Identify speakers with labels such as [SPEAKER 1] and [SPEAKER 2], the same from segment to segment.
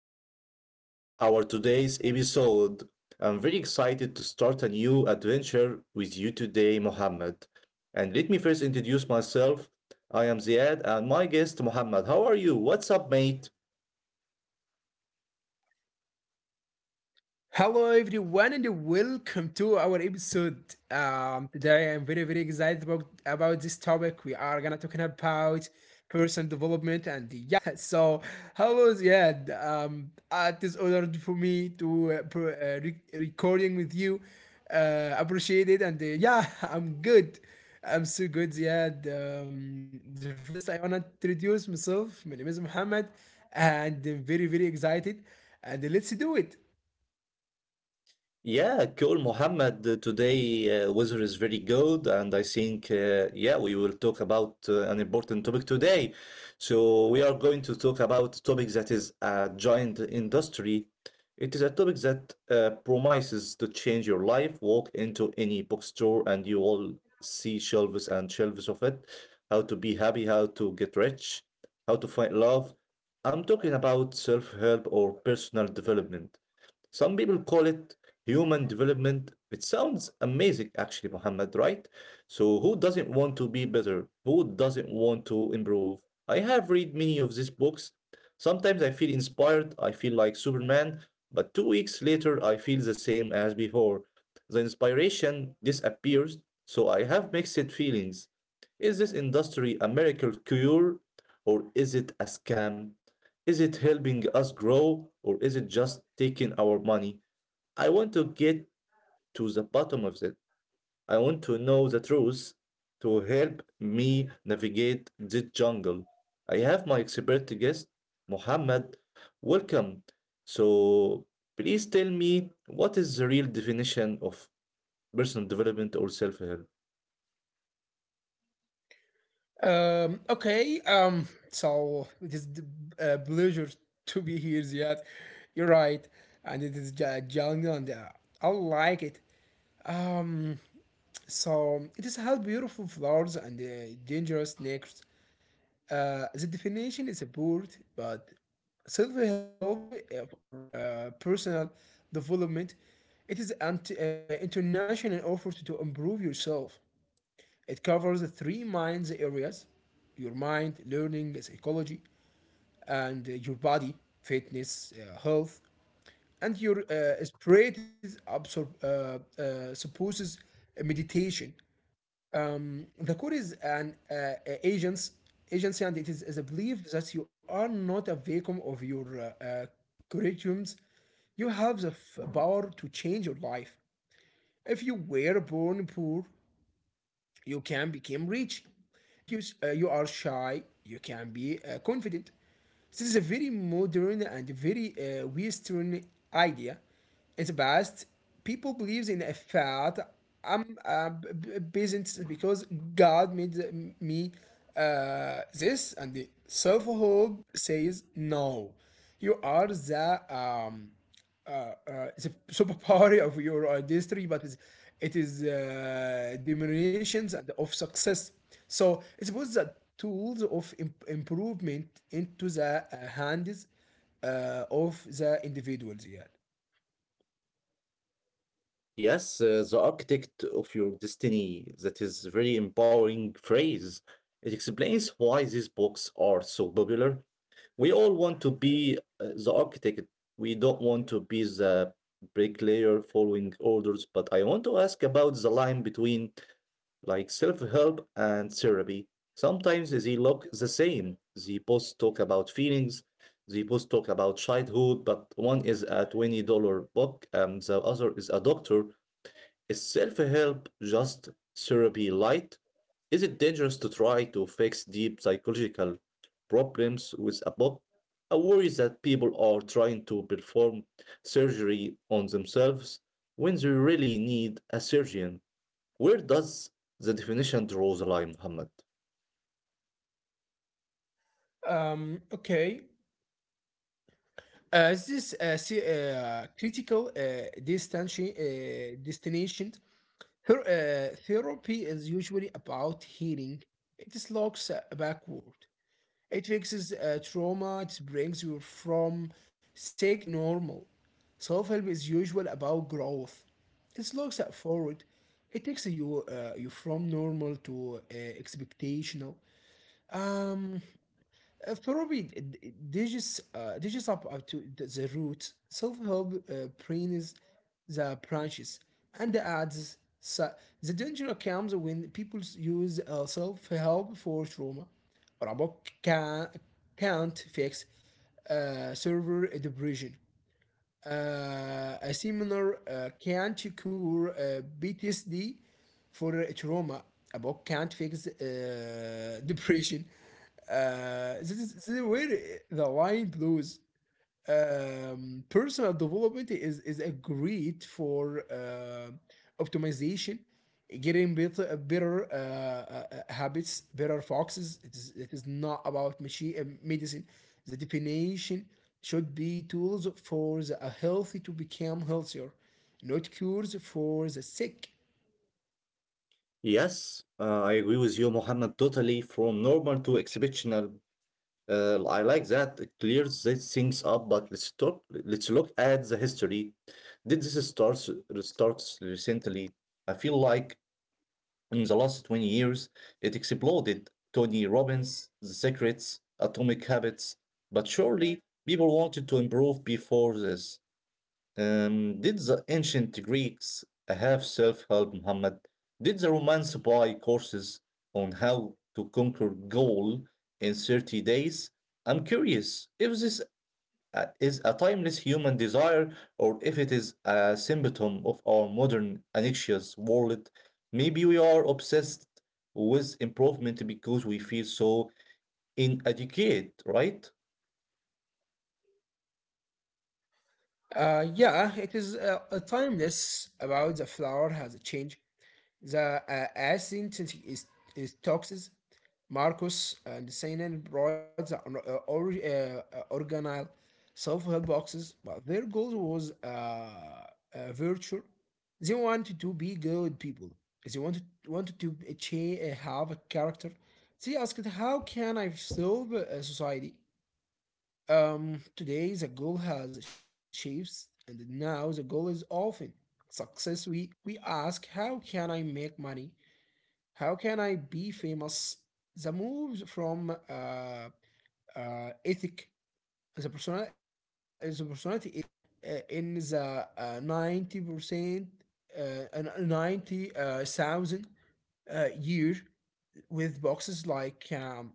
[SPEAKER 1] back to our today's episode. I'm very excited to start a new adventure with you today, Mohammed. And let me first introduce myself. I am Ziad and my guest Mohammed. How are you? What's up, mate?
[SPEAKER 2] Hello everyone and welcome to our episode. Today I'm very excited about this topic. We are gonna talking about personal development and yeah. So hello Ziad. It is honored for me to recording with you. Appreciate it and yeah, I'm good. I'm so good Ziad. The first I wanna introduce myself. My name is Muhammad and I'm very excited and let's do it.
[SPEAKER 1] Yeah, cool, Mohammed. Today, weather is very good, and I think, we will talk about an important topic today. So, we are going to talk about a topic that is a giant industry. It is a topic that promises to change your life. Walk into any bookstore, and you will see shelves and shelves of it. How to be happy, how to get rich, how to find love. I'm talking about self help or personal development. Some people call it human development. It sounds amazing, actually, Muhammad, right? So, who doesn't want to be better? Who doesn't want to improve? I have read many of these books. Sometimes I feel inspired, I feel like Superman, but 2 weeks later, I feel the same as before. The inspiration disappears, so I have mixed feelings. Is this industry a miracle cure or is it a scam? Is it helping us grow or is it just taking our money? I want to get to the bottom of it. I want to know the truth to help me navigate this jungle. I have my expert guest, Mohammed. Welcome. So, please tell me what is the real definition of personal development or self help?
[SPEAKER 2] Okay, so it is a pleasure to be here, Ziad. You're right, and it is a jungle, and I like it. Um, so it is how beautiful flowers and dangerous snakes. The definition is a bird, but self-help or personal development. It is an international effort to improve yourself. It covers three mind's areas, your mind, learning, psychology, and your body, fitness, health, and your spirit is supposes meditation. The core is agents, agency, and it is a belief that you are not a vacuum of your curriculums. You have the power to change your life. If you were born poor, you can become rich. If you are shy, you can be confident. This is a very modern and very Western idea. In the past, people believed in a fact I'm a peasant because God made me this, and the self hope says no. You are the uh, uh, it's a superpower of your industry, but it is diminutions and of success. So it was the tools of improvement into the hands of the individuals. Yeah.
[SPEAKER 1] Yes, the architect of your destiny. That is a very empowering phrase. It explains why these books are so popular. We all want to be the architect. We don't want to be the bricklayer following orders. But I want to ask about the line between like self-help and therapy. Sometimes they look the same. They both talk about feelings. They both talk about childhood, but one is a $20 book and the other is a doctor. Is self help just therapy light? Is it dangerous to try to fix deep psychological problems with a book? I worry that people are trying to perform surgery on themselves when they really need a surgeon. Where does the definition draw the line, Muhammad?
[SPEAKER 2] Um, okay. This see, critical destination Her, therapy is usually about healing. It is looks backward. It fixes trauma, it brings you from sick to normal. Self help is usual about growth. It looks at forward. It takes you from normal to expectational. Um, Probably diges up, to the root. Self help brings the branches and the ads. So the danger comes when people use self help for trauma. Or about can, can't fix server depression, a seminar can't cure PTSD for trauma. A book can't fix depression. This is where the line blows. Personal development is a great for optimization, getting better habits, better foxes. It is, it is not about machine medicine. The definition should be tools for the healthy to become healthier, not cures for the sick.
[SPEAKER 1] Yes, I agree with you, Muhammad, totally. From normal to exceptional, I like that. It clears these things up, but let's talk. Let's look at the history. Did this starts starts recently? I feel like in the last 20 years, it exploded. Tony Robbins, The Secrets, Atomic Habits. But surely people wanted to improve before this. Did the ancient Greeks have self help, Muhammad? Did the Romans buy courses on how to conquer Gaul in 30 days? I'm curious if this is a timeless human desire or if it is a symptom of our modern anxious world. Maybe we are obsessed with improvement because we feel so inadequate, right?
[SPEAKER 2] Yeah, it is timeless about the flower has a change. The as is is toxins. Marcus and CNN brought the organelle, self-help boxes, but their goal was virtue. They wanted to be good people. They wanted to achieve, have a character. They asked, "How can I solve a society?" Today the goal has shapes, and now the goal is often success. We ask, "How can I make money? How can I be famous?" The moves from ethic, the personality ethics in the 90%, 90,000 year, with boxes like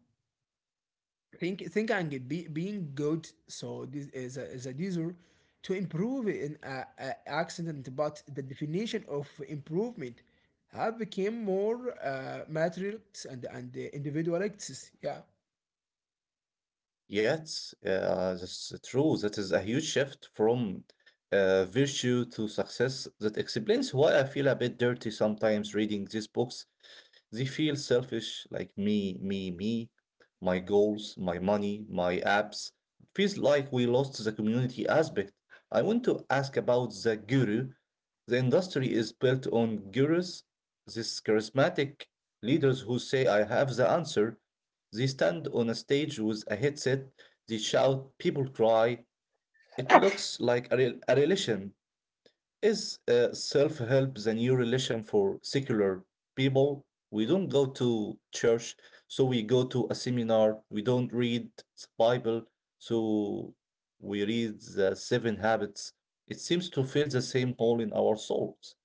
[SPEAKER 2] think and be, being good. So this is is a desire to improve in a accident, but the definition of improvement have become more materials and individual acts. Yeah,
[SPEAKER 1] Yes, that's true. That is a huge shift from virtue to success. That explains why I feel a bit dirty sometimes reading these books. They feel selfish, like me, me, me, my goals, my money, my apps. It feels like we lost the community aspect. I want to ask about the guru. The industry is built on gurus, these charismatic leaders who say, I have the answer. They stand on a stage with a headset, they shout, people cry. It looks like a religion. Is self help the new religion for secular people? We don't go to church, so we go to a seminar. We don't read the Bible, so we read the seven habits. It seems to fill the same hole in our souls.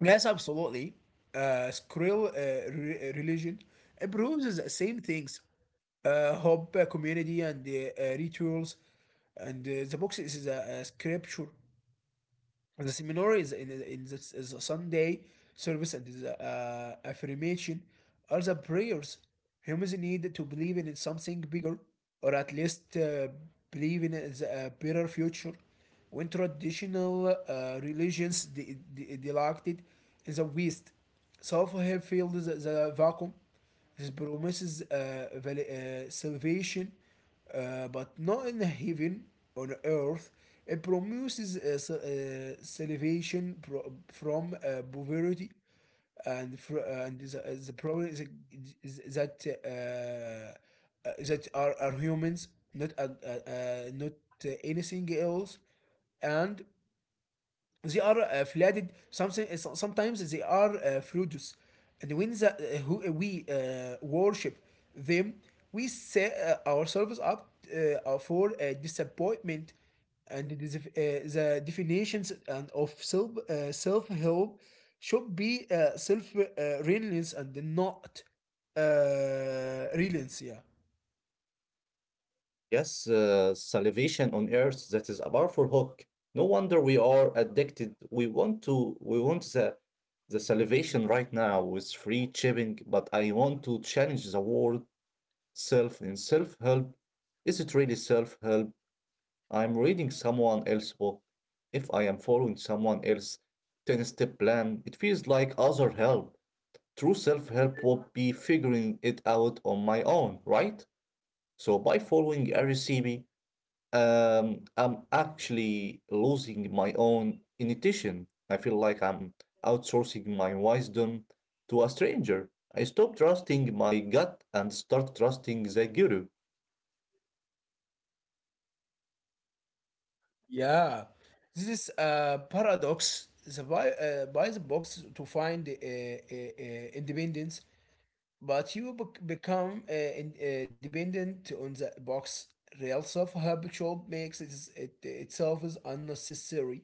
[SPEAKER 2] yes, absolutely. Scroll re- religion improves the same things, hope, community, and rituals, and the box is a scripture. The seminar is in this is a Sunday service, and is affirmation are the prayers. Humans need to believe in something bigger, or at least believe in a better future. When traditional religions deducted in the West, self-help filled the vacuum. This promises salvation, but not in heaven, on earth. It promises salvation from poverty, and the problem is, that that are humans, not not anything else, and they are flooded something. Sometimes they are fruits, and when we worship them, we set ourselves up for disappointment. And the definitions and of self help should be self reliance and not reliance. Yeah
[SPEAKER 1] Yes, salvation on earth, that is a powerful hook. No wonder we are addicted. We want the salvation right now with free shipping, but I want to challenge the world self in self help? Is it really self help? I'm reading someone else's book. If I am following someone else's 10 step plan, it feels like other help. True self help would be figuring it out on my own, right? So by following RCB, I'm actually losing my own intuition. I feel like I'm outsourcing my wisdom to a stranger. I stop trusting my gut and start trusting the guru.
[SPEAKER 2] Yeah, this is a paradox. The buy the box to find independence, but you become dependent on the box. Real self-help shop makes it itself is unnecessary.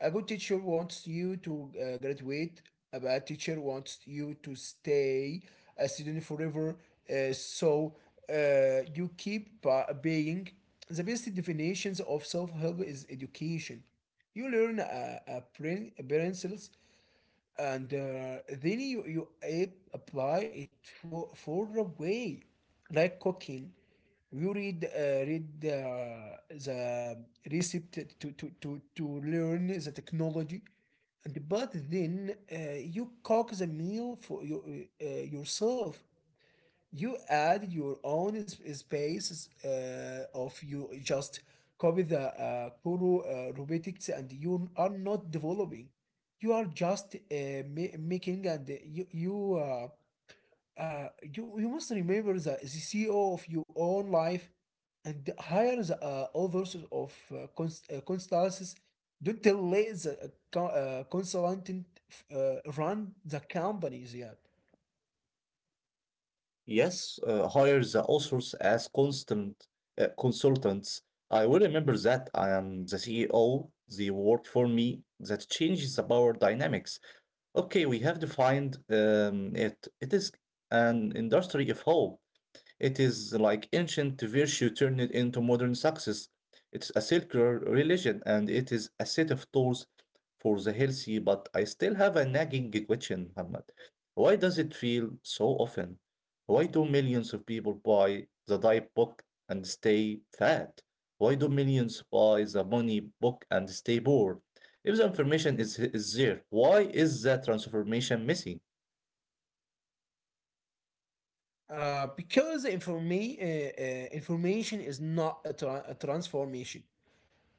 [SPEAKER 2] A good teacher wants you to graduate. A bad teacher wants you to stay a student forever. So you keep paying. The best definitions of self help is education. You learn principles, and then you apply it for a way, like cooking. You read the recipe to learn the technology, and but then you cook the meal for yourself. You add your own space of you just copy the Kuro robotics and you are not developing. You are just making and you must remember the CEO of your own life and hire the others of consultants. Don't let the consultant run the companies yet.
[SPEAKER 1] Yes, hire the authors as constant consultants. I will remember that I am the CEO, they work for me. That changes the power dynamics. Okay, we have defined it. It is an industry of hope. It is like ancient virtue turned into modern success. It's a circular religion and it is a set of tools for the healthy, but I still have a nagging question, Muhammad. Why does it feel so often? Why do millions of people buy the diet book and stay fat? Why do millions buy the money book and stay poor? If the information is there, why is that transformation missing?
[SPEAKER 2] Because information is not a transformation.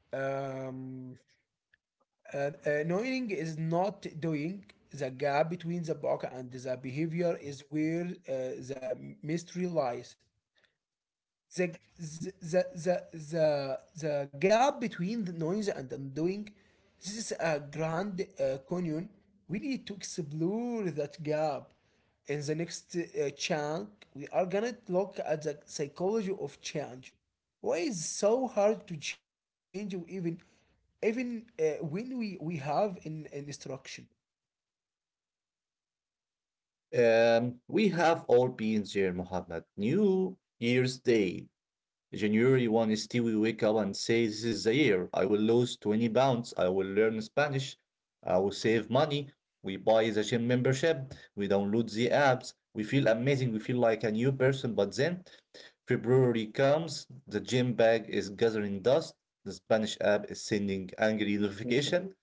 [SPEAKER 2] Um, Knowing is not doing. The gap between the book and the behavior is where the mystery lies, the the the the the, gap between the noise and undoing. This is a grand canyon. We need to explore that gap in the next chunk. We are gonna look at the psychology of change. Why is it so hard to change, even when we have an instruction?
[SPEAKER 1] We have all been there, Mohammed. New Year's Day, January 1 is still we wake up and say, This is the year. I will lose 20 pounds. I will learn Spanish. I will save money. We buy the gym membership. We download the apps. We feel amazing. We feel like a new person. But then February comes, the gym bag is gathering dust. The Spanish app is sending angry notification.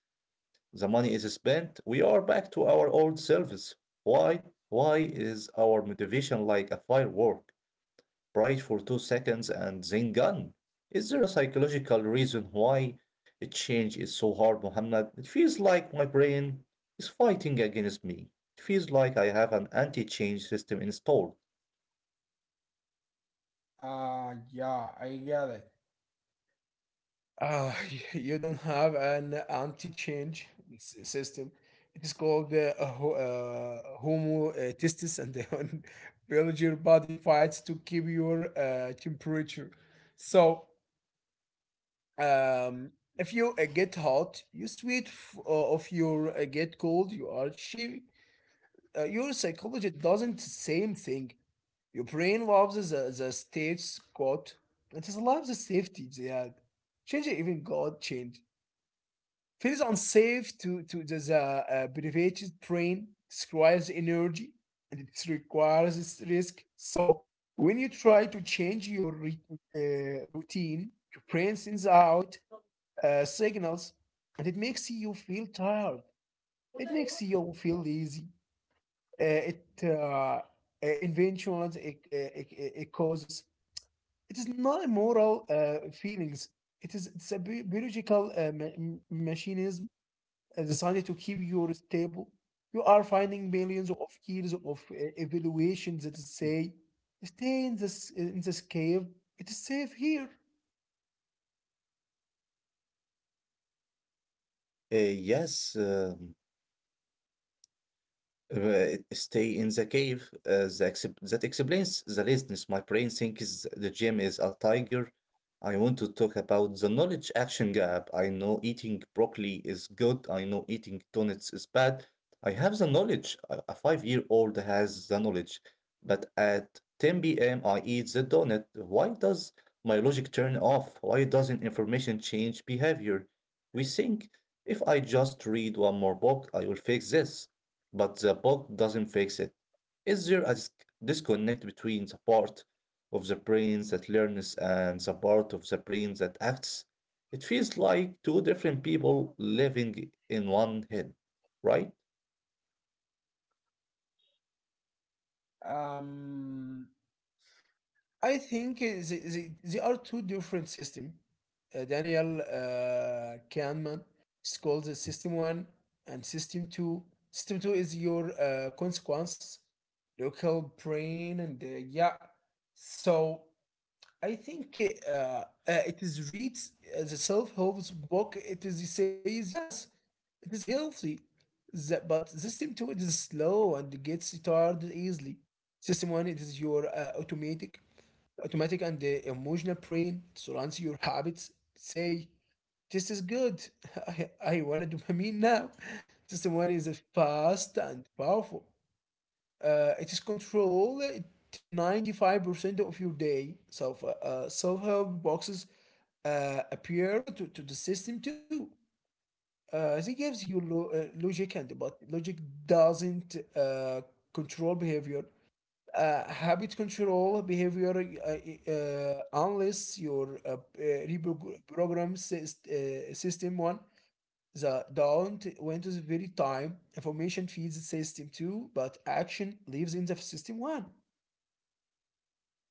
[SPEAKER 1] The money is spent, we are back to our old selves. Why? Why is our motivation like a firework, bright for 2 seconds and then gone? Is there a psychological reason why a change is so hard, Muhammad? It feels like my brain is fighting against me. It feels like I have an anti change system installed.
[SPEAKER 2] Uh, yeah, I get it. Uh, you don't have an anti-change system. It is called homo testis, and then build your body fights to keep your temperature. So, um, if you get hot, you sweat. If you get cold, you are chilly. Your psychology doesn't same thing. Your brain loves the states quote. It is loves the safety. Yeah, change even God change. Feels unsafe to the privated brain. This requires energy and it requires this risk. So when you try to change your routine, your brain sends out signals, and it makes you feel tired. It makes you feel lazy. Uh, it inventions it it causes. It is not moral feelings. It's a biological mechanism decided to keep your stable. You are finding millions of years of evaluations that say, stay in this cave. It is safe here.
[SPEAKER 1] Uh, yes. um Stay in the cave. That explains the laziness. My brain thinks the gym is a tiger. I want to talk about the knowledge action gap. I know eating broccoli is good. I know eating donuts is bad. I have the knowledge. A five-year-old has the knowledge. But at 10 p.m., I eat the donut. Why does my logic turn off? Why doesn't information change behavior? We think if I just read one more book, I will fix this but the book doesn't fix it. Is there a disconnect between the part of the brain that learns and the part of the brain that acts? It feels like two different people living in one head, right?
[SPEAKER 2] Um, I think they are two different systems. Daniel Kahneman is called the system one and system two. System two is your consequences, local brain, and yeah. So I think it is reads the self-help book. It is it says yes, it is healthy, but system two, it is slow and gets tired easily. System one, it is your automatic and the emotional brain surrounds your habits. Say this is good. I want a dopamine now. System one is fast and powerful. It is control 95% of your day. Self-help boxes appear to the system too. They gives you logic, and but logic doesn't control behavior. Habit control behavior unless your reprogram system one. The don't went to the very time information feeds the system two, but action lives in the system one.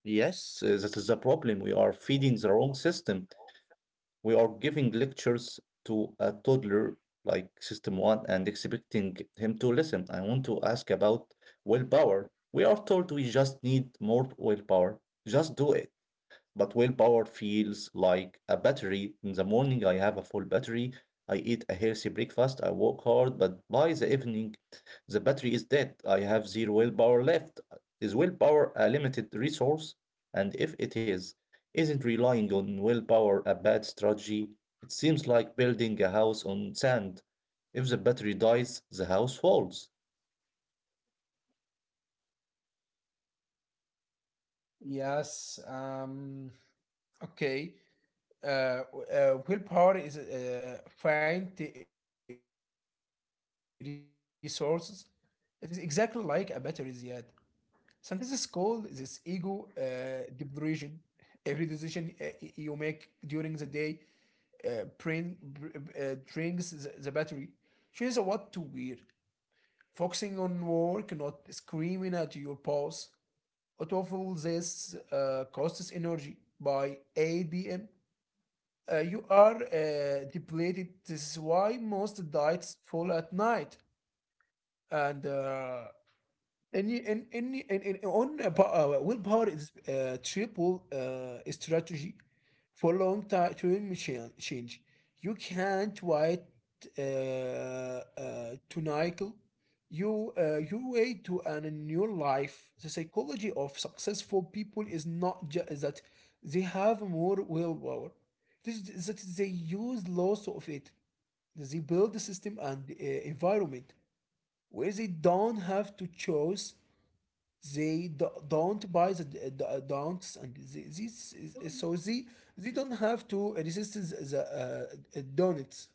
[SPEAKER 1] Yes, that is the problem. We are feeding the wrong system. We are giving lectures to a toddler like system one and expecting him to listen. I want to ask about willpower. We are told we just need more willpower. Just do it. But willpower feels like a battery. In the morning, I have a full battery. I eat a healthy breakfast. I work hard, but by the evening, the battery is dead. I have zero willpower left. Is willpower a limited resource? And if it is, isn't relying on willpower a bad strategy? It seems like building a house on sand. If the battery dies, the house falls.
[SPEAKER 2] Yes. Okay, willpower is find the resources. It is exactly like a battery yet. Scientists call this ego depletion. Every decision you make during the day drains the battery. Choose what to wear. Focusing on work, not screaming at your boss. Out of all this costs energy by 8 p.m. You are depleted. This is why most diets fall at night. And uh, and you- and on a willpower is triple strategy for long term change. You can't wait to Nigel. You you wait to earn a new life. The psychology of successful people is not just that they have more willpower. This is that they use lots of it. They build the system and environment where they don't have to choose, don't buy the don'ts and so they don't have to resist the donuts.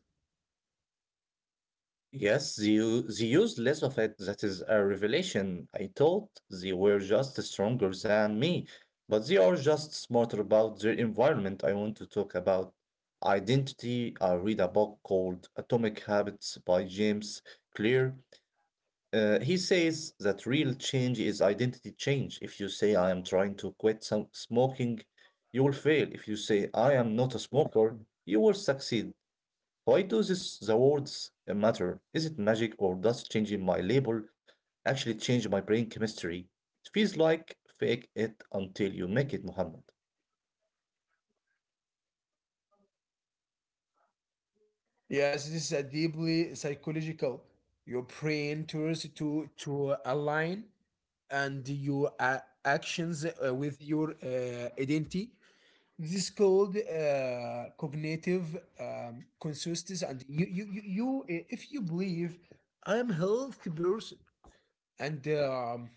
[SPEAKER 1] Yes, they use less of it. That is a revelation. I thought they were just stronger than me, but they are just smarter about their environment. I want to talk about identity. I read a book called Atomic Habits by James Clear. He says that real change is identity change. If you say, I am trying to quit some smoking, you will fail. If you say, I am not a smoker, you will succeed. Why do this, the words matter? Is it magic or does changing my label actually change my brain chemistry? It feels like fake it until you make it, Muhammad.
[SPEAKER 2] Yes, this is a deeply psychological. Your brain turns to align and your actions with your identity. This is called cognitive consistency, and you, if you believe I'm healthy person, and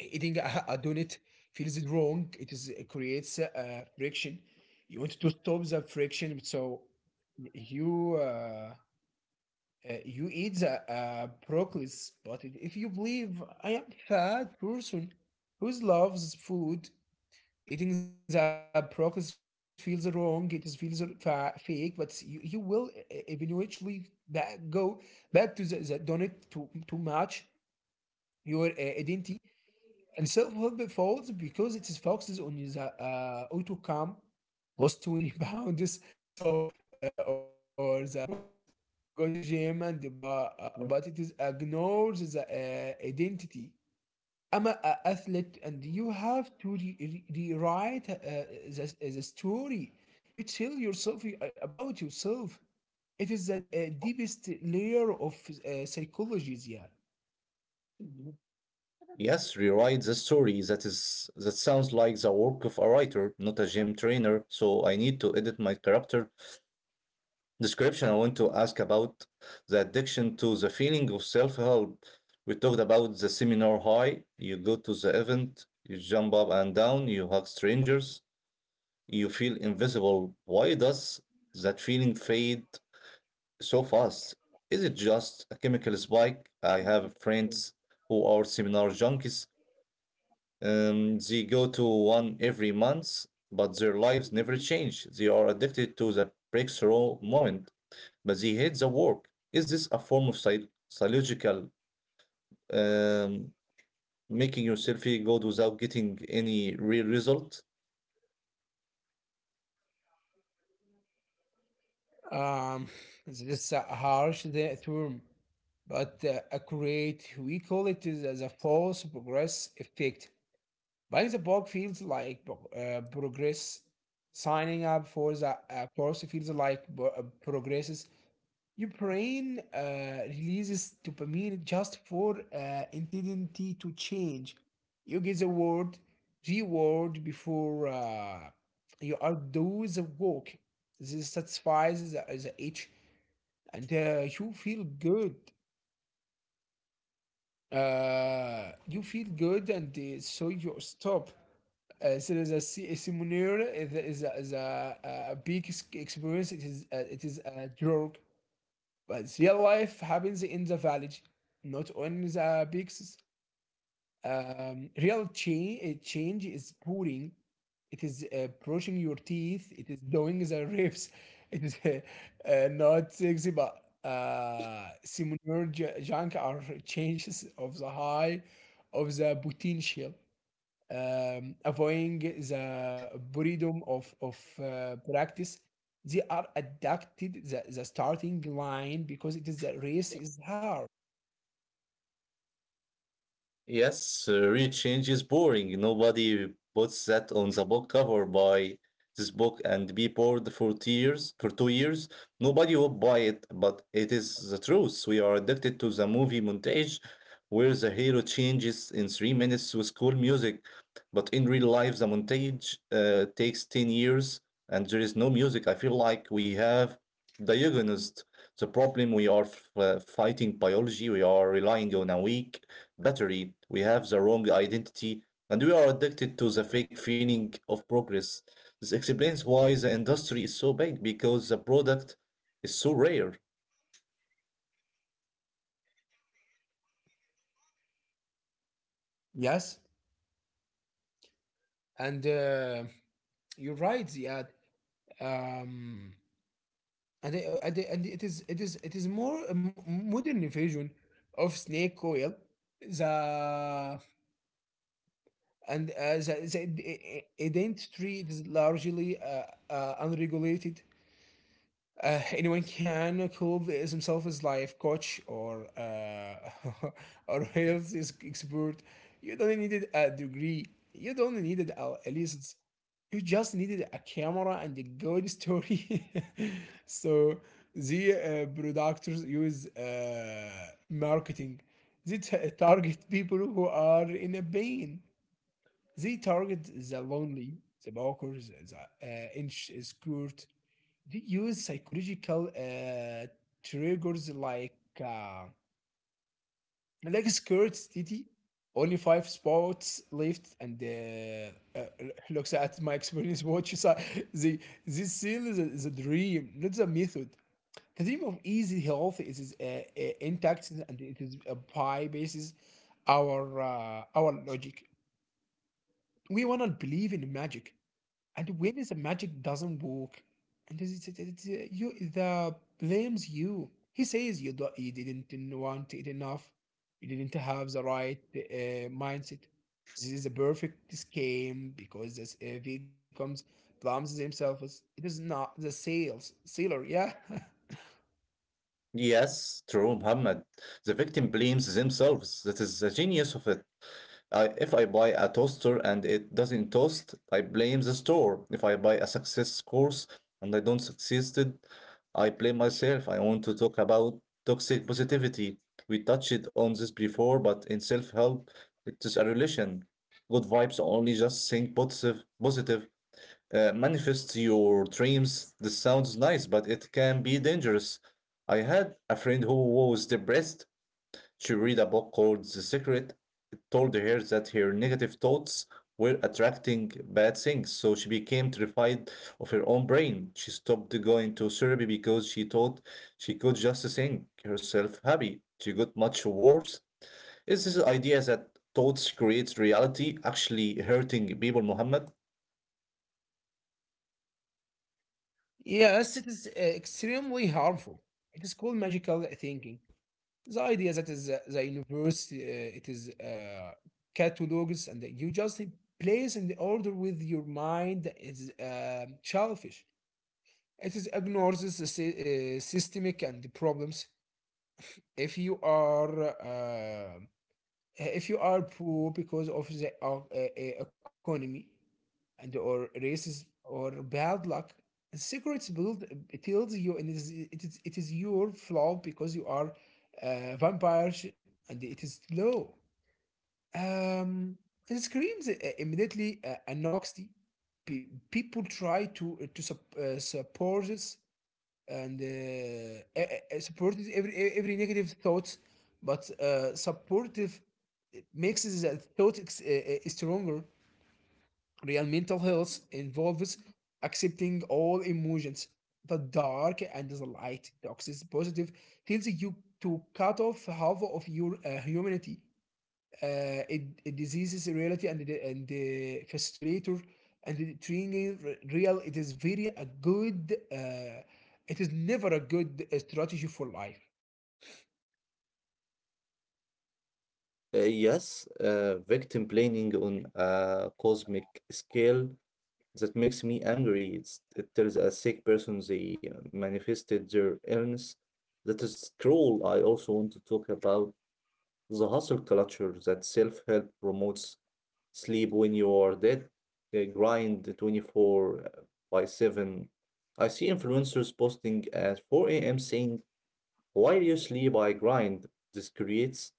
[SPEAKER 2] eating a donut feels wrong. It is it creates friction. You want to stop the friction, so you you eat the broccoli. But if you believe I am fat person who loves food, eating the broccoli feels wrong. It is feels fake, but you will eventually back, go back to the donut to match your identity, and self-help folds because it is focuses on the outcome, lost 20 pounds, so or the progress, go to gym, and the,
[SPEAKER 1] Yeah.
[SPEAKER 2] but it is ignores the identity. I'm an athlete, and you have to rewrite the story you tell yourself about yourself. It is the deepest layer of psychology. Yeah.
[SPEAKER 1] Yes, rewrite the story. That is that sounds like the work of a writer, not a gym trainer. So I need to edit my character description. I want to ask about the addiction to the feeling of self-help. We talked about the seminar high. You go to the event, you jump up and down, you hug strangers, you feel invisible. Why does that feeling fade so fast? Is it just a chemical spike? I have friends who are seminar junkies. They go to one every month, but their lives never change. They are addicted to the breakthrough moment, but they hate the work. Is this a form of psychological um, making yourself feel good without getting any real result?
[SPEAKER 2] Um, this is a harsh the term, but accurate. We call it is as a false progress effect. Buying the book feels like progress. Signing up for the course feels like progresses. Your brain releases dopamine just for intensity to change. You get the word reward before you are do the work. This satisfies the itch, and you feel good. You feel good, and so you stop. So there's a similar is a big experience. It it is a drug, but real life happens in the village, not on the big. Real change is pouring. It is brushing your teeth. It is doing the reps. It is not sexy, but similar junk are changes of the high of the potential. Avoiding the boredom of practice. They are adapted the starting line because it is the race is hard.
[SPEAKER 1] Yes, real change is boring. Nobody puts that on the book cover. Buy this book and be bored for 2 years. For 2 years, nobody will buy it, but it is the truth. We are addicted to the movie montage, where the hero changes in 3 minutes with cool music, but in real life, the montage takes 10 years, and there is no music. I feel like we have diagnosed the problem. We are fighting biology. We are relying on a week battery, we have the wrong identity, and we are addicted to the fake feeling of progress. This explains why the industry is so big because the product is so rare.
[SPEAKER 2] Yes, and you're right. Yeah, um, and, it, and, it, and it is it is more a modern version of snake oil, the, and the identity is largely unregulated. Anyone can call this himself as life coach or or health is- expert. You don't need a degree. You don't need a license. You just needed a camera and a good story. So the producers use marketing. They target people who are in a pain. They target the lonely, the walkers, the insecure. They use psychological triggers uh, like scarcity. Only five spots left, and looks at my experience watch. So the this seal is a dream, not the method. The dream of easy health is intact, and it is a pie basis our logic. We wanna believe in magic, and when the magic doesn't work, and you the blames you, he says you do, you didn't want it enough, you didn't have the right mindset. This is a perfect scheme because this if he comes blames himself as- it is not the sales sealer. Yeah.
[SPEAKER 1] Yes, true, Muhammad. The victim blames themselves. That is the genius of it. If I buy a toaster and it doesn't toast, I blame the store. If I buy a success course and I don't succeed, I blame myself. I want to talk about toxic positivity. We touched on this before, but in self help, it is a relation. Good vibes only just think positive. Manifest your dreams. This sounds nice, but it can be dangerous. I had a friend who was depressed. She read a book called The Secret told her that her negative thoughts were attracting bad things, so she became terrified of her own brain. She stopped going to therapy because she thought she could just think herself happy. She got much worse. Is this idea that thoughts create reality actually hurting people, Muhammad?
[SPEAKER 2] Yes, it is extremely harmful. It is called magical thinking. The idea that is the universe, it is catalogs, and you just place in the order with your mind is childish. It is ignores the systemic and the problems. If you are uh, if you are poor because of the economy and or races or bad luck, secrets build, it tells you, and it is your flaw because you are vampire sh- and it is low, um, and screams immediately an oxy. People try to support this, and support this every negative thoughts, but supportive makes the thought stronger. Real mental health involves accepting all emotions, the dark and the light. Toxis positive tells you to cut off half of your humanity. It, it diseases reality and and the facilitator and the training real. It is very a good. It is never a good strategy for life.
[SPEAKER 1] Yes, victim blaming on a cosmic scale. That makes me angry. It tells a sick person they manifested their illness. That is cruel. I also want to talk about the hustle culture that self help promotes sleep when you are dead, grind 24 by 7. I see influencers posting at 4 a.m. saying while you sleep, I grind. This creates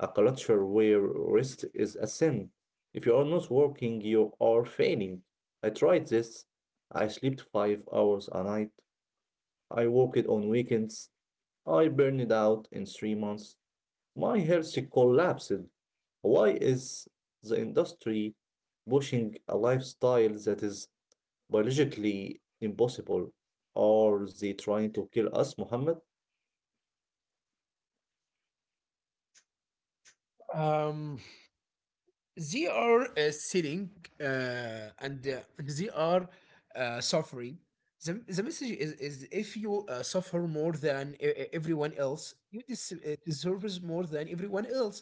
[SPEAKER 1] a culture where rest is a sin. If you are not working, you are failing. I tried this. I slept 5 hours a night. I worked on weekends. I burned out in 3 months. My health collapsed. Why is the industry pushing a lifestyle that is biologically impossible? Are they trying to kill us, Muhammad?
[SPEAKER 2] Um, they are sitting uh, and they are suffering. The message is if you suffer more than everyone else, you deserves more than everyone else.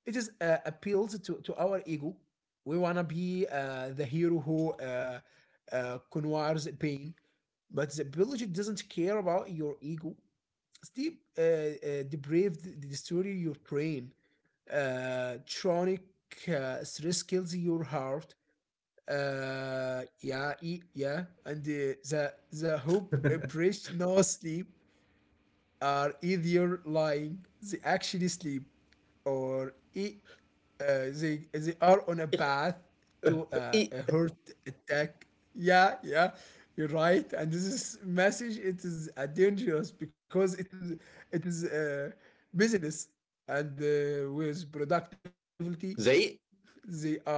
[SPEAKER 2] It is appeals to our ego. We want to be the hero who conquers pain, but the biology doesn't care about your ego. Steve depraved, destroy your brain, chronic stress kills your heart. Yeah, and the hope, oppression, no sleep are either lying, they actually sleep, or they are on a path to
[SPEAKER 1] E-
[SPEAKER 2] a heart attack. Yeah, yeah, you're right. And this is message it is dangerous because it is business and with productivity they
[SPEAKER 1] they
[SPEAKER 2] are the same.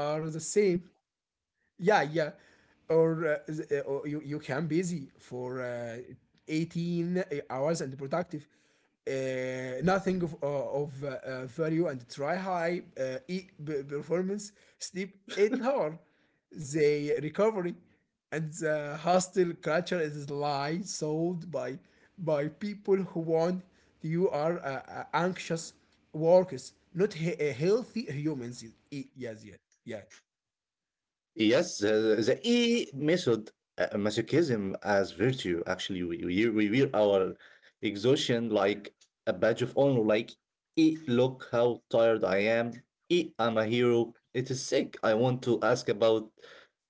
[SPEAKER 2] Yeah, yeah. Or or you can busy for 18 hours and productive. Nothing of value and try high performance, sleep 8 hour the recovery. And the hostile culture is lie sold by people who want you are anxious workers, not healthy humans. Yes, yeah, yeah.
[SPEAKER 1] Yes, the E method, masochism as virtue. Actually, we wear our exhaustion like a badge of honor. Like, look how tired I am. I'm a hero. It is sick. I want to ask about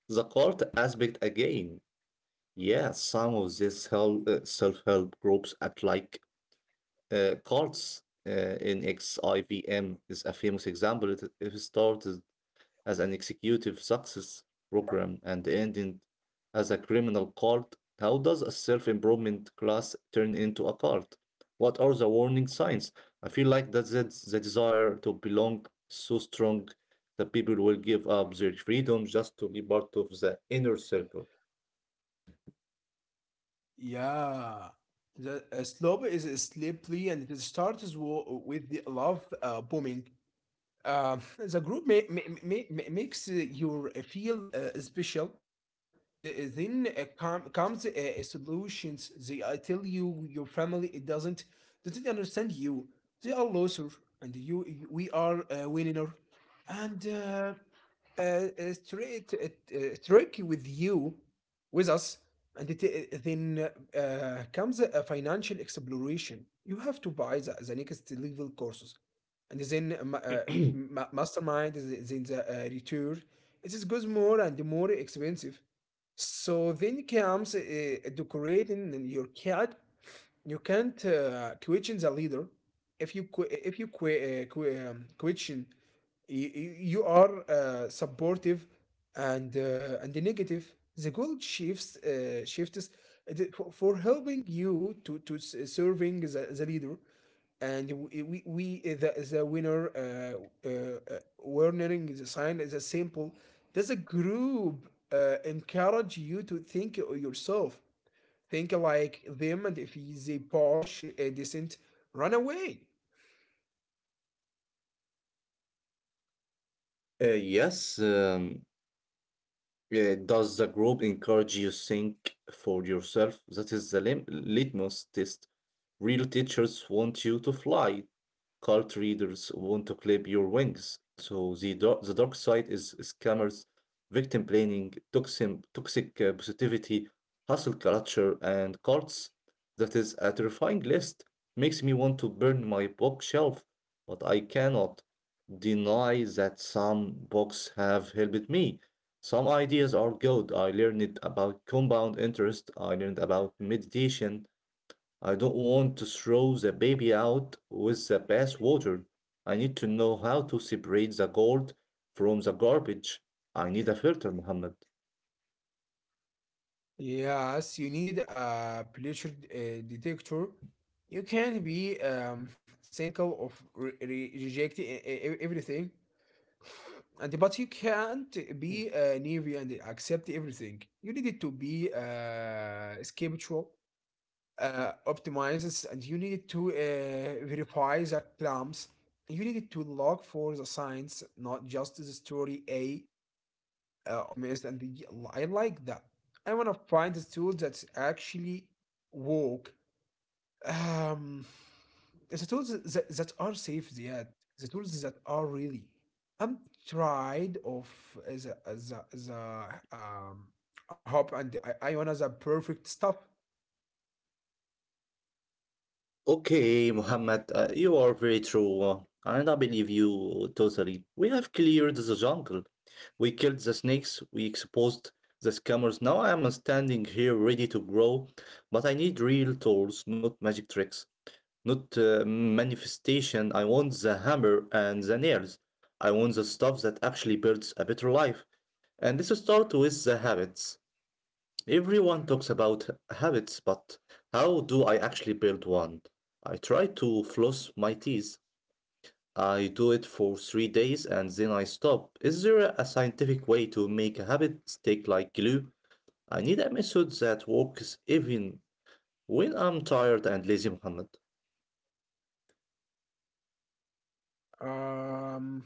[SPEAKER 1] the cult aspect again. Yeah, some of these self-help groups act like cults. NXIVM is a famous example. It started as an executive success program and ended as a criminal cult. How does a self improvement class turn into a cult? What are the warning signs? I feel like that's the desire to belong so strong that people will give up their freedom just to be part of the inner circle.
[SPEAKER 2] Yeah, the slope is sleepy and it starts with the love booming. The group makes you feel special, and then comes solutions. They tell you your family it doesn't understand you. They are loser, and you we are a winner, and. Uh, Straight Turkey with you, with us, and it, then comes a financial exploration. You have to buy the next level courses, and then mastermind, then the retour. It is goes more and more expensive. So then comes decorating in your cat. You can't question the leader. If you question you, you are supportive and negative the gold shifts for helping you to serving the leader. And we the winner warning the sign is a simple. Does a group encourage you to think yourself, think like them? And if they push a decent, run away.
[SPEAKER 1] Yes, does the group encourage you think for yourself? That is the litmus test. Real teachers want you to fly. Cult readers want to clip your wings. So the dark side is scammers, victim blaming, toxic positivity, hustle culture, and cults. That is a terrifying list. Makes me want to burn my bookshelf, but I cannot deny that some books have helped me. Some ideas are good. I learned about compound interest. I learned about meditation. I don't want to throw the baby out with the bathwater. I need to know how to separate the gold from the garbage. I need a filter, Muhammad.
[SPEAKER 2] Yes, you need a pressure detector. You can't be cynical of rejecting everything, and but you can't be naive and accept everything. You need it to be skeptical, optimizes, and you need to verify the claims. You need to look for the signs, not just the story. A optimist and the, I like that. I want to find a tool that's actually work. Um, the tools that are safe, yeah, the tools that are really. I'm tired of the um hope, and I want the perfect stuff.
[SPEAKER 1] Okay, Muhammad, you are very true, and I believe you totally. We have cleared the jungle. We killed the snakes, we exposed the scammers. Now I am standing here ready to grow, but I need real tools, not magic tricks, not manifestation. I want the hammer and the nails. I want the stuff that actually builds a better life. And this starts with the habits. Everyone talks about habits, but how do I actually build one? I try to floss my teeth. I do it for 3 days and then I stop. Is there a scientific way to make a habit stick like glue? I need a method that works even when I'm tired and lazy, Muhammad.
[SPEAKER 2] Um,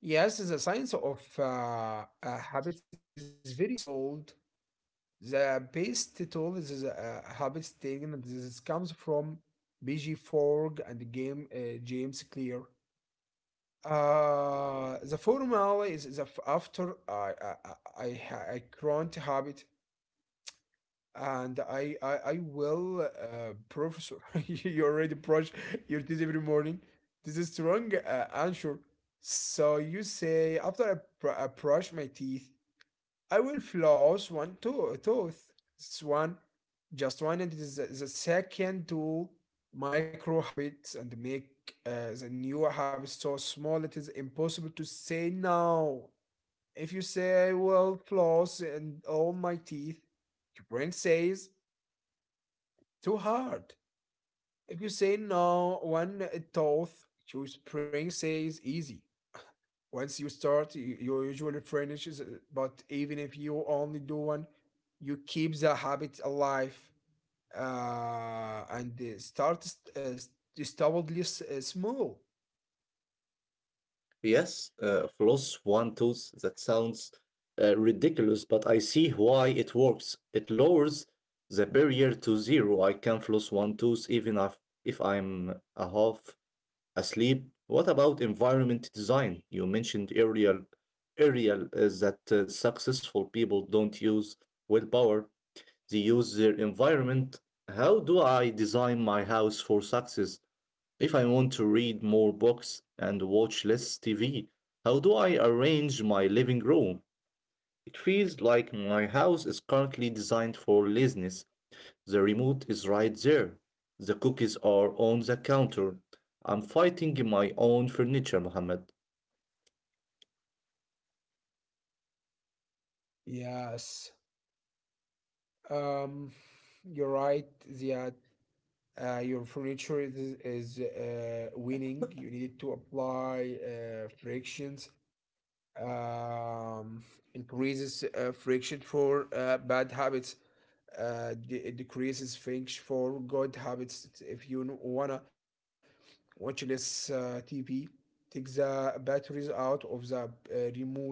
[SPEAKER 2] yes, the science of habits is very sold. The best tool is a habit statement. This comes from BG Forg and game James Clear. The formula is the after I I grant habit, and I will professor. You already brush your teeth every morning. This is strong answer. So you say after I brush my teeth, I will floss one tooth. It's one, just one, and it is the second to micro habits and make the new habits so small it is impossible to say no. If you say I will floss and all my teeth, your brain says too hard. If you say no, one tooth, your brain says easy. Once you start, you usually finish, is- but even if you only do one, you keep the habit alive and start stubbornly small.
[SPEAKER 1] Yes, floss one tooth. That sounds ridiculous, but I see why it works. It lowers the barrier to zero. I can floss one tooth even if I'm a half asleep. What about environment design? You mentioned aerial that successful people don't use willpower. They use their environment. How do I design my house for success? If I want to read more books and watch less TV, how do I arrange my living room? It feels like my house is currently designed for laziness. The remote is right there. The cookies are on the counter. I'm fighting my own furniture, Mohammed.
[SPEAKER 2] Yes, um, you're right that your furniture is winning. You need to apply frictions. um, Increases friction for bad habits, it decreases friction for good habits. If you wanna watch less TV, take the batteries out of the remote,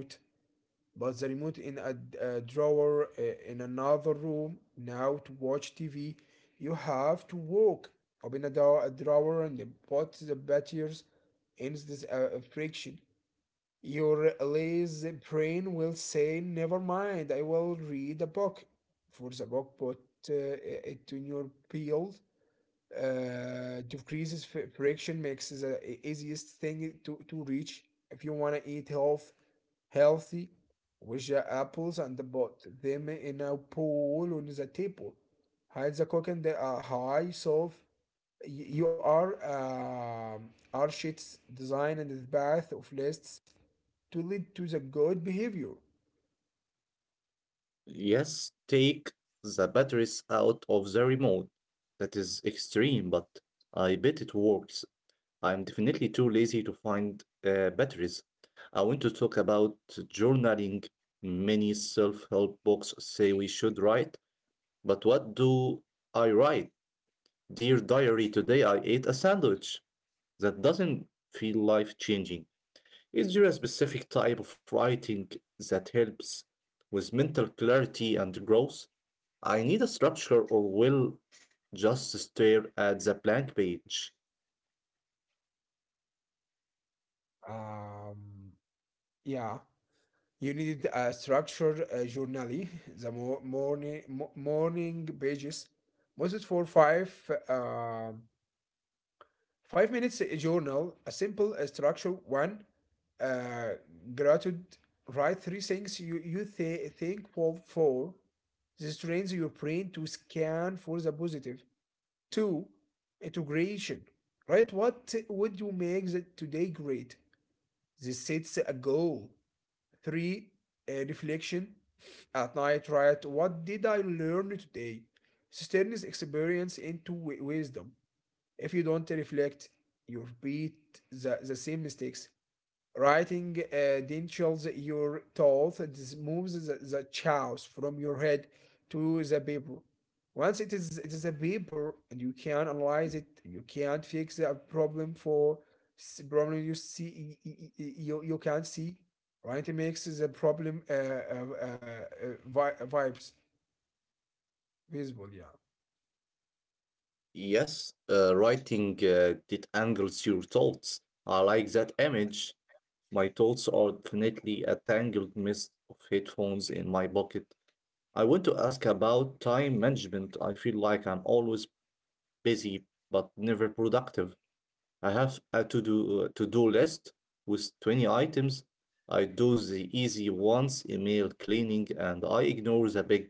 [SPEAKER 2] but the remote in a drawer in another room. Now to watch TV, you have to walk. Open door, a drawer and put the batteries in this friction. Your lazy brain will say, "Never mind, I will read a book." For the book, put it in your peel. Decreases friction makes the easiest thing to reach. If you want to eat health, healthy, with the apples and the pot them in a bowl on the table. Hide the cooking the high solve. You are sheets designed in the path of lists to lead to the good behavior.
[SPEAKER 1] Yes, take the batteries out of the remote. That is extreme, but I bet it works. I'm definitely too lazy to find batteries. I want to talk about journaling. Many self help books say we should write, but what do I write? Dear diary, today I ate a sandwich. That doesn't feel life changing. Is there a specific type of writing that helps with mental clarity and growth? I need a structure or will just stare at the blank page.
[SPEAKER 2] Um, yeah, you needed a structured journally, the morning morning pages, most for five um 5 minutes a journal, a simple structure. One, uh, gratitude. Write three things you thankful for. This trains your brain to scan for the positive. Two, integration. Right? What would you make the today great? They sets a goal. Three, a reflection. At night, write what did I learn today? This turns experience into wisdom. If you don't reflect, you repeat the same mistakes. Writing dentures your tooth moves the chaos from your head to the paper. Once it is a paper and you can analyze it, you can't fix a problem for problem you see you you can't see. Right, it makes the problem vibes visible. Yeah.
[SPEAKER 1] Yes, writing that angles your thoughts. I like that image. My thoughts are definitely a tangled mist of headphones in my pocket. I want to ask about time management. I feel like I'm always busy but never productive. I have a to do list with 20 items. I do the easy ones, email cleaning, and I ignore the big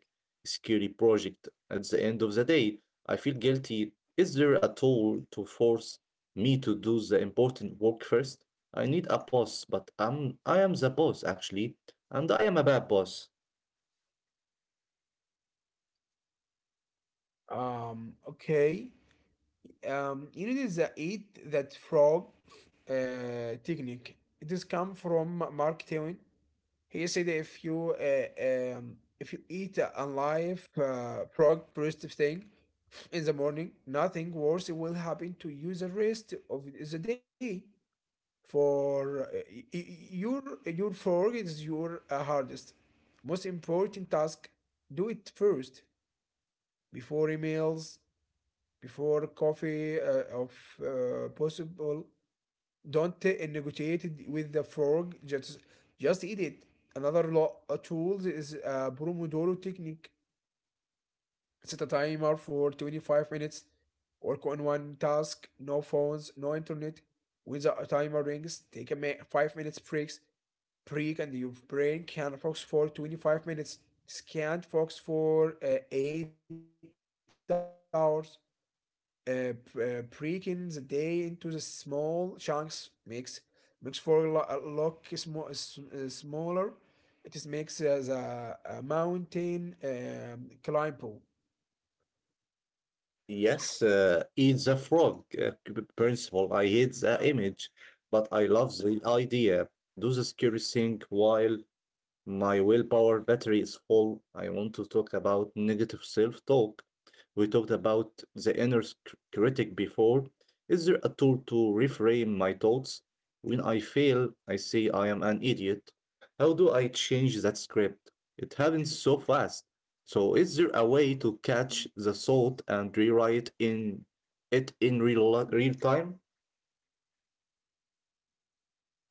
[SPEAKER 1] scary project. At the end of the day, I feel guilty. Is there a tool to force me to do the important work first? I need a boss, but I am the boss actually, and I am a bad boss.
[SPEAKER 2] Okay. You need the eat that frog technique. It is come from Mark Twain. He said if you eat a live frog first thing in the morning, nothing worse will happen to you the rest of the day. For y- y- your your frog is your hardest, most important task. Do it first before emails, before coffee, of possible don't negotiate it with the frog. Just eat it. Another tool is Pomodoro technique. Set a timer for 25 minutes. Work on one task. No phones. No internet. When the timer rings, take a 5 minutes breaks. Break and your brain can focus for 25 minutes. Can't focus for 8 hours uh, b- breaking the day into the small chunks makes makes for look smaller. It is makes the mountain climbable.
[SPEAKER 1] Yes, eat the frog principle. I hate the image, but I love the idea. Do the scary thing while my willpower battery is full. I want to talk about negative self talk. We talked about the inner critic before. Is there a tool to reframe my thoughts? When I fail, I say I am an idiot. How do I change that script? It happens so fast. So, is there a way to catch the thought and rewrite in it in real time?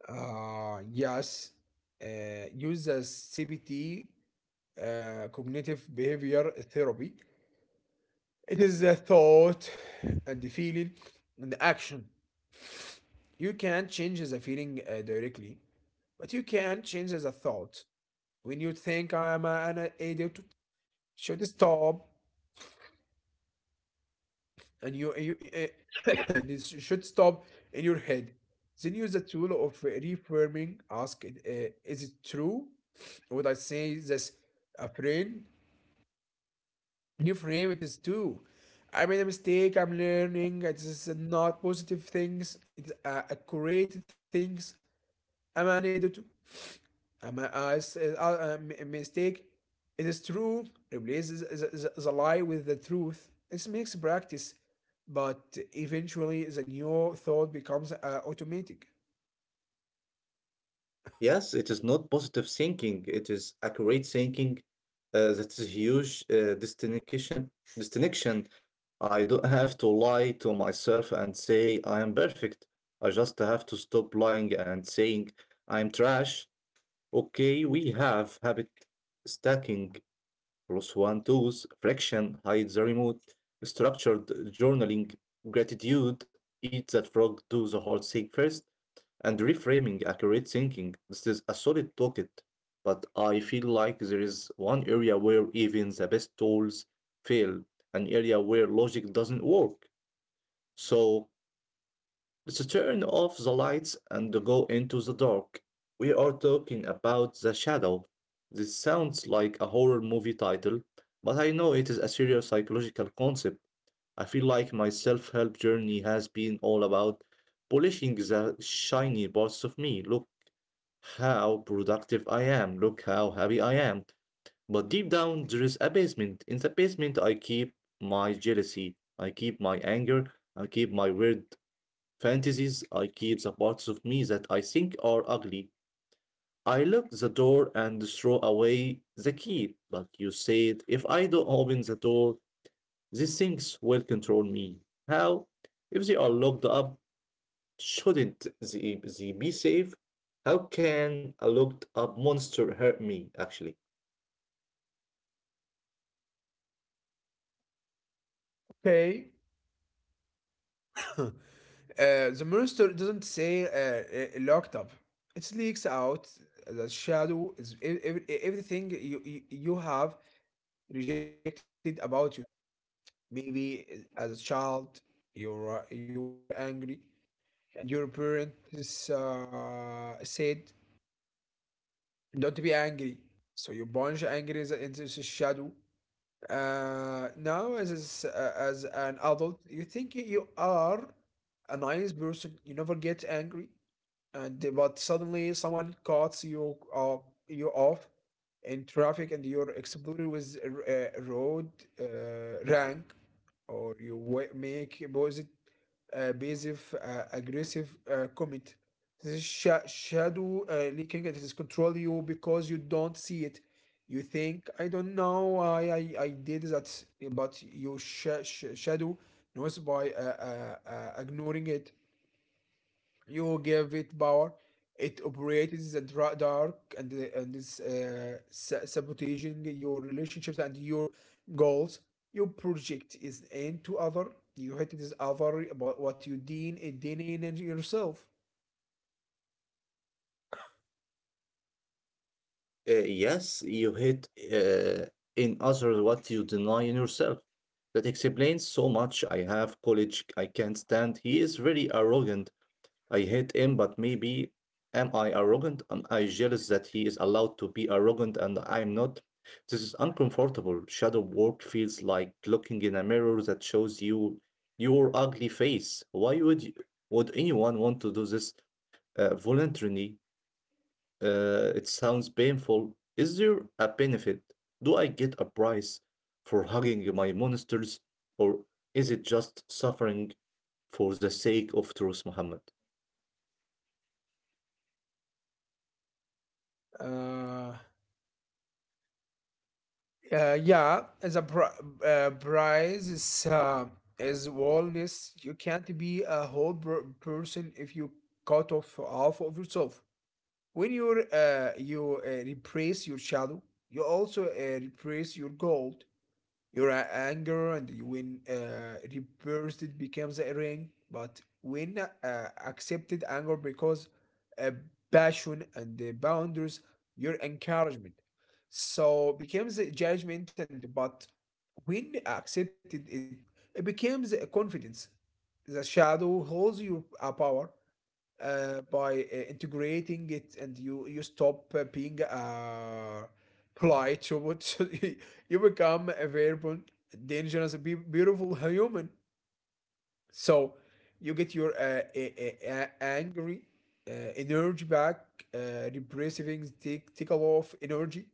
[SPEAKER 2] Yes, uh, use the CBT, cognitive behavior therapy. It is the thought and the feeling and the action. You can't change the feeling directly, but you can change the thought. When you think I'm an idiot, should stop, and you this should stop in your head. Then use the tool of reframing. Ask, it, is it true? Would I say this a friend? Reframe it is true. I made a mistake. I'm learning. It is not positive things. It is accurate things. I'm an idiot. It's, mistake. It is true. Replace the lie with the truth. This makes practice, but eventually the new thought becomes automatic.
[SPEAKER 1] Yes, it is not positive thinking. It is accurate thinking. That is huge distinction. I don't have to lie to myself and say I am perfect. I just have to stop lying and saying I'm trash. Okay, we have habit stacking, plus one tools, friction, hide the remote, structured journaling, gratitude, eat that frog, do the whole thing first and reframing accurate thinking. This is a solid pocket, but I feel like there is one area where even the best tools fail, an area where logic doesn't work. So let's turn off the lights and go into the dark. We are talking about the shadow. This sounds like a horror movie title, but I know it is a serious psychological concept. I feel like my self help journey has been all about polishing the shiny parts of me. Look, how productive I am. Look how happy I am. But deep down, there is a basement. In the basement, I keep my jealousy. I keep my anger. I keep my weird fantasies. I keep the parts of me that I think are ugly. I lock the door and throw away the key. But you said, if I don't open the door, these things will control me. How? If they are locked up, shouldn't they be safe? How can a locked up monster hurt me, actually?
[SPEAKER 2] Okay. The monster doesn't say locked up. It leaks out. The shadow is everything you have rejected about yourself. Maybe as a child, you were angry, and your parents said don't be angry, so you plunge anger into the shadow. Now as an adult you think you are a nice person, you never get angry, and but suddenly someone cuts you off in traffic and you're exploded with a road rank, or you make a basic aggressive comment. This is shadow leaking. It is control you because you don't see it. You think, I don't know, I did that, but you shadow knows. By ignoring it, you give it power. It operates the dark, and is sabotaging your relationships and your goals. You project is into other. You hate this other about what you deem it deeming in yourself.
[SPEAKER 1] Yes, you hit in others what you deny in yourself. That explains so much. I have college, I can't stand. He is very arrogant. I hate him, but maybe am I arrogant? Am I jealous that he is allowed to be arrogant and I am not? This is uncomfortable. Shadow work feels like looking in a mirror that shows you your ugly face. Would anyone want to do this? Voluntarily. It sounds painful. Is there a benefit? Do I get a price for hugging my monsters, or is it just suffering for the sake of truth, Muhammad?
[SPEAKER 2] Uh, yeah, as a prize is wellness. You can't be a person if you cut off half of yourself. When you repress your shadow, you also repress your gold, your anger, and when repressed, it becomes a ring. But when accepted anger because uh, passion and the boundaries, your encouragement, so becomes a judgment. And but when accepted, it becomes a confidence. The shadow holds your power, by integrating it and you stop being polite robot so you become a variable dangerous beautiful human. So you get your angry energy back. Repressing take a lot of energy.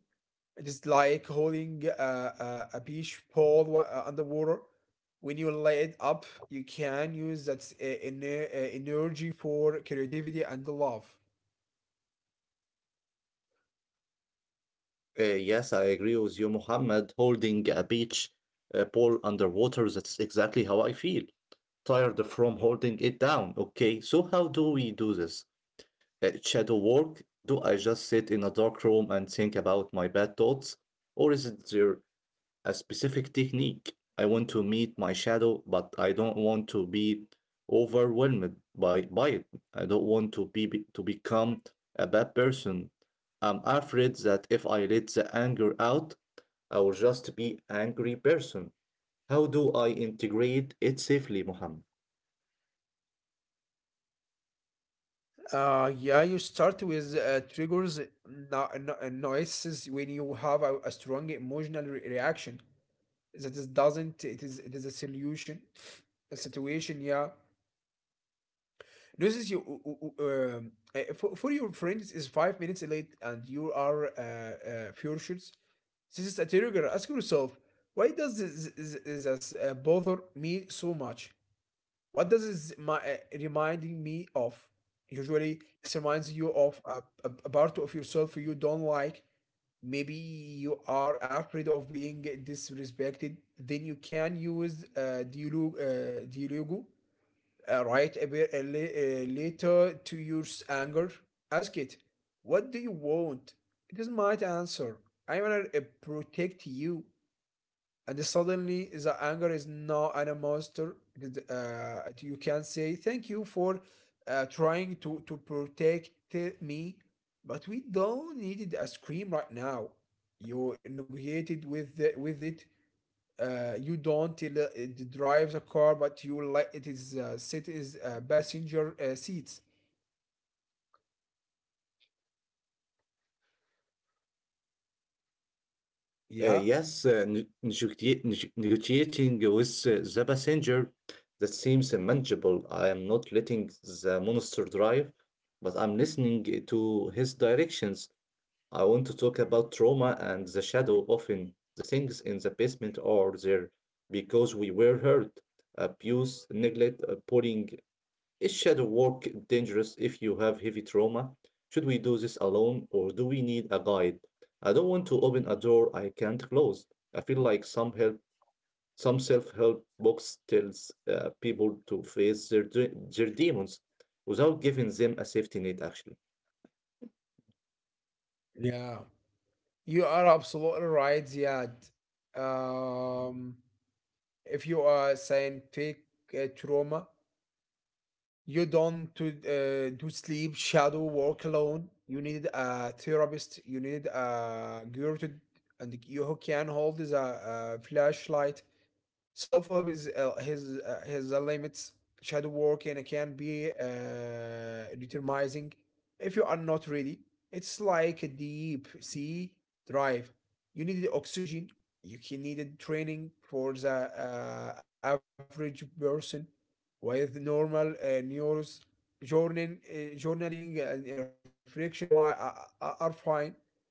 [SPEAKER 2] It is like holding a beach pole underwater. When you lay it up, you can use that energy for creativity and love.
[SPEAKER 1] Yes, I agree with you, Muhammad. Holding a beach ball underwater, that's exactly how I feel. Tired from holding it down. Okay, so how do we do this? Shadow work? Do I just sit in a dark room and think about my bad thoughts? Or is it there a specific technique. I want to meet my shadow, but I don't want to be overwhelmed by it. I don't want to become a bad person. I'm afraid that if I let the anger out, I will just be angry person. How do I integrate it safely, Muhammad?
[SPEAKER 2] Yeah, you start with triggers, noises when you have a strong emotional reaction. That is doesn't it is a solution, a situation. Yeah, noises you for your friends is 5 minutes late and you are furious. This is a trigger. Ask yourself, why does this bother me so much? What does this my, reminding me of? Usually, this reminds you of a part of yourself you don't like. Maybe you are afraid of being disrespected. Then you can use dialogue right a bit little to your anger. Ask it, what do you want? It might answer, I wanna protect you. And suddenly the anger is not an monster. It is, you can say, thank you for trying to protect me, but we don't need a scream right now. You negotiated with it. You don't drive the car, but you like it is sit is passenger seats.
[SPEAKER 1] Uh,
[SPEAKER 2] Yeah,
[SPEAKER 1] yes, uh, ne- negotia- neg- negotiating with the passenger that seems manageable. I am not letting the monster drive, but I'm listening to his directions. I want to talk about trauma and the shadow. Often, the things in the basement are there because we were hurt, abuse, neglect, bullying. Is shadow work dangerous if you have heavy trauma? Should we do this alone or do we need a guide? I don't want to open a door I can't close. I feel like some self-help books tells people to face their demons without giving them a safety net actually.
[SPEAKER 2] yeah, you are absolutely right, Ziad. Um, if you are saying take trauma, you don't to do sleep, shadow, work alone. You need a therapist. You need a girl to, and you who can hold the flashlight. Self help is has a limits. Shadow work and it can be determining if you are not ready. It's like a deep sea drive. You need the oxygen. You can need a training for the average person with normal neurons. Journaling and reflection are fine,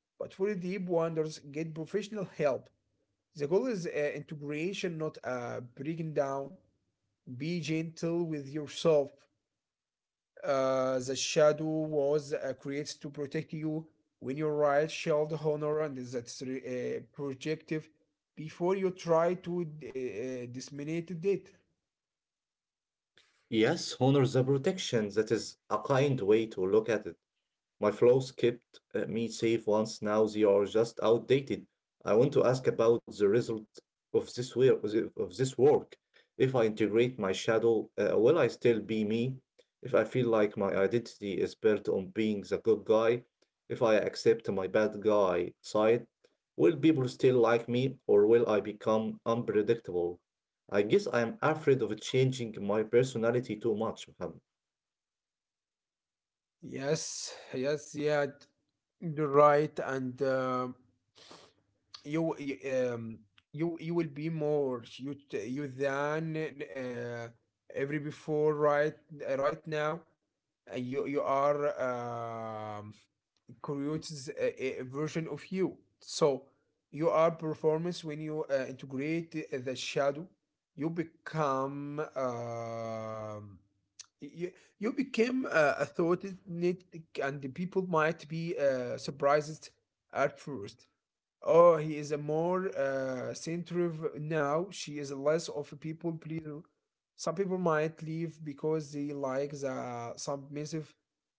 [SPEAKER 2] but for the deep wonders, get professional help. The goal is integration, not breaking down. Be gentle with yourself. The shadow was creates to protect you when you right shield honor and that's projective before you try to disseminate it.
[SPEAKER 1] Yes, honor the protection. That is a kind way to look at it. My flows kept me safe once, now they are just outdated. I want to ask about the result of this way of this work. If I integrate my shadow, will I still be me? If I feel like my identity is built on being the good guy, if I accept my bad guy side, will people still like me or will I become unpredictable? I guess I am afraid of changing my personality too much, Muhammad.
[SPEAKER 2] Yes, yes, yeah, right, and. You you, you you will be more you you than every before right right now. You you are um creates a version of you, so you are performance. When you integrate the shadow, you become you, you became a thought it need- and the people might be surprised at first. Oh, he is a more centric now. She is less of a people pleaser. Some people might leave because they like the submissive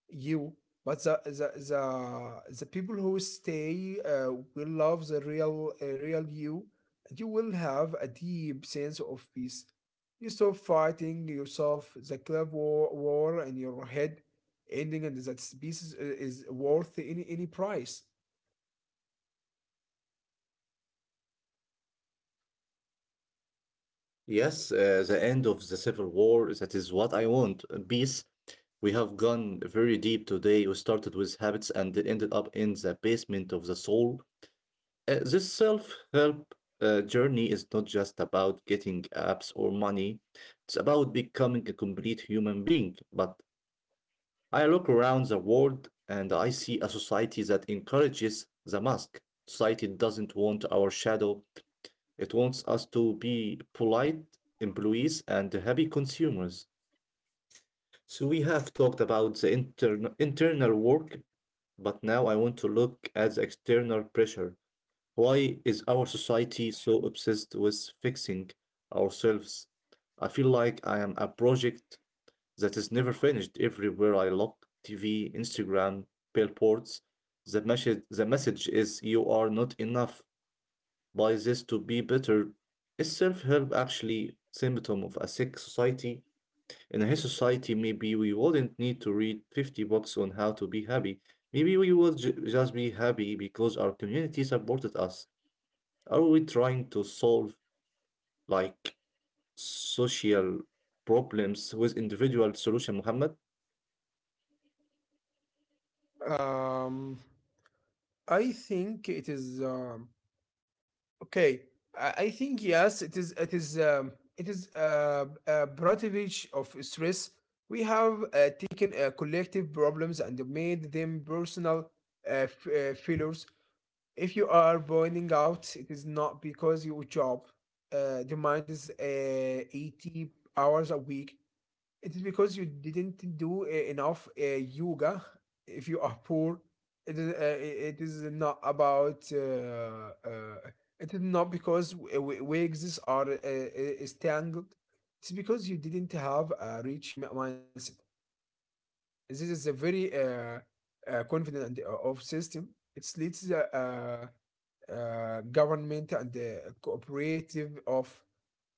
[SPEAKER 2] you, but the people who stay will love the real real you, and you will have a deep sense of peace. You stop fighting yourself, the club war, war in your head, ending, and that peace is worth any price.
[SPEAKER 1] Yes, the end of the Civil War, that is what I want, peace. We have gone very deep today. We started with habits and ended up in the basement of the soul. This self-help journey is not just about getting apps or money. It's about becoming a complete human being. But I look around the world and I see a society that encourages the mask. Society doesn't want our shadow. It wants us to be polite employees and happy consumers. So we have talked about the internal work, but now I want to look at the external pressure. Why is our society so obsessed with fixing ourselves? I feel like I am a project that is never finished everywhere I look TV, Instagram, billboards. The message is you are not enough by this to be better. Is self help actually symptom of a sick society? In a society, maybe we wouldn't need to read 50 books on how to be happy. Maybe we would just be happy because our community supported us. Are we trying to solve like social problems with individual solution, Muhammad?
[SPEAKER 2] Um, I think it is okay. I think yes, it is. It is. It is a privilege of stress. We have taken collective problems and made them personal failures. If you are burning out, it is not because your job demands 80 hours a week. It is because you didn't do enough yoga. If you are poor, it is not about. It is not because wigs are is tangled. It's because you didn't have a rich mindset. This is a very confident and, of system. It leads the government and the cooperative of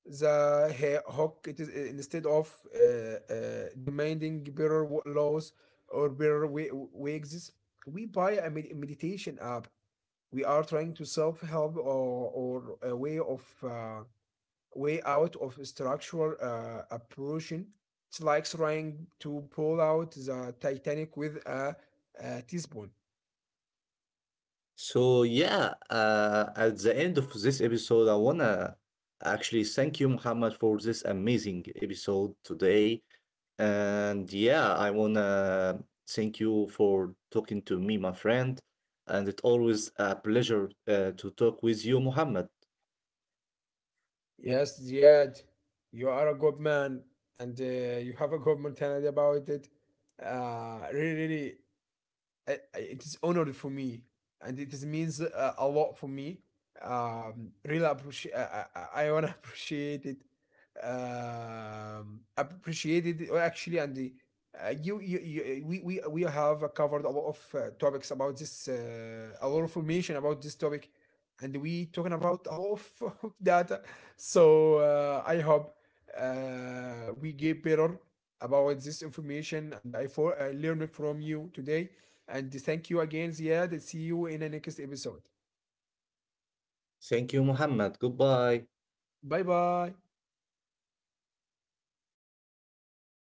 [SPEAKER 2] the hawk. It is instead of demanding better laws or better wages, we buy a meditation app. We are trying to self-help or a way of way out of structural oppression. It's like trying to pull out the Titanic with a teaspoon.
[SPEAKER 1] So yeah, at the end of this episode, I wanna actually thank you, Muhammad, for this amazing episode today. And yeah, I wanna thank you for talking to me, my friend. And it's always a pleasure to talk with you, Muhammad.
[SPEAKER 2] Yes Ziad, you are a good man, and you have a good mentality about it. Really, really, it is honored for me, and it is means a lot for me. Really appreciate I want to appreciate it. Appreciate it actually. You, you we have covered a lot of topics about this, a lot of information about this topic, and we talking about a lot of, of data. So I hope we get better about this information, and I for I learned from you today. And thank you again, Ziad. See you in the next episode.
[SPEAKER 1] Thank you, Muhammad. Goodbye.
[SPEAKER 2] Bye bye.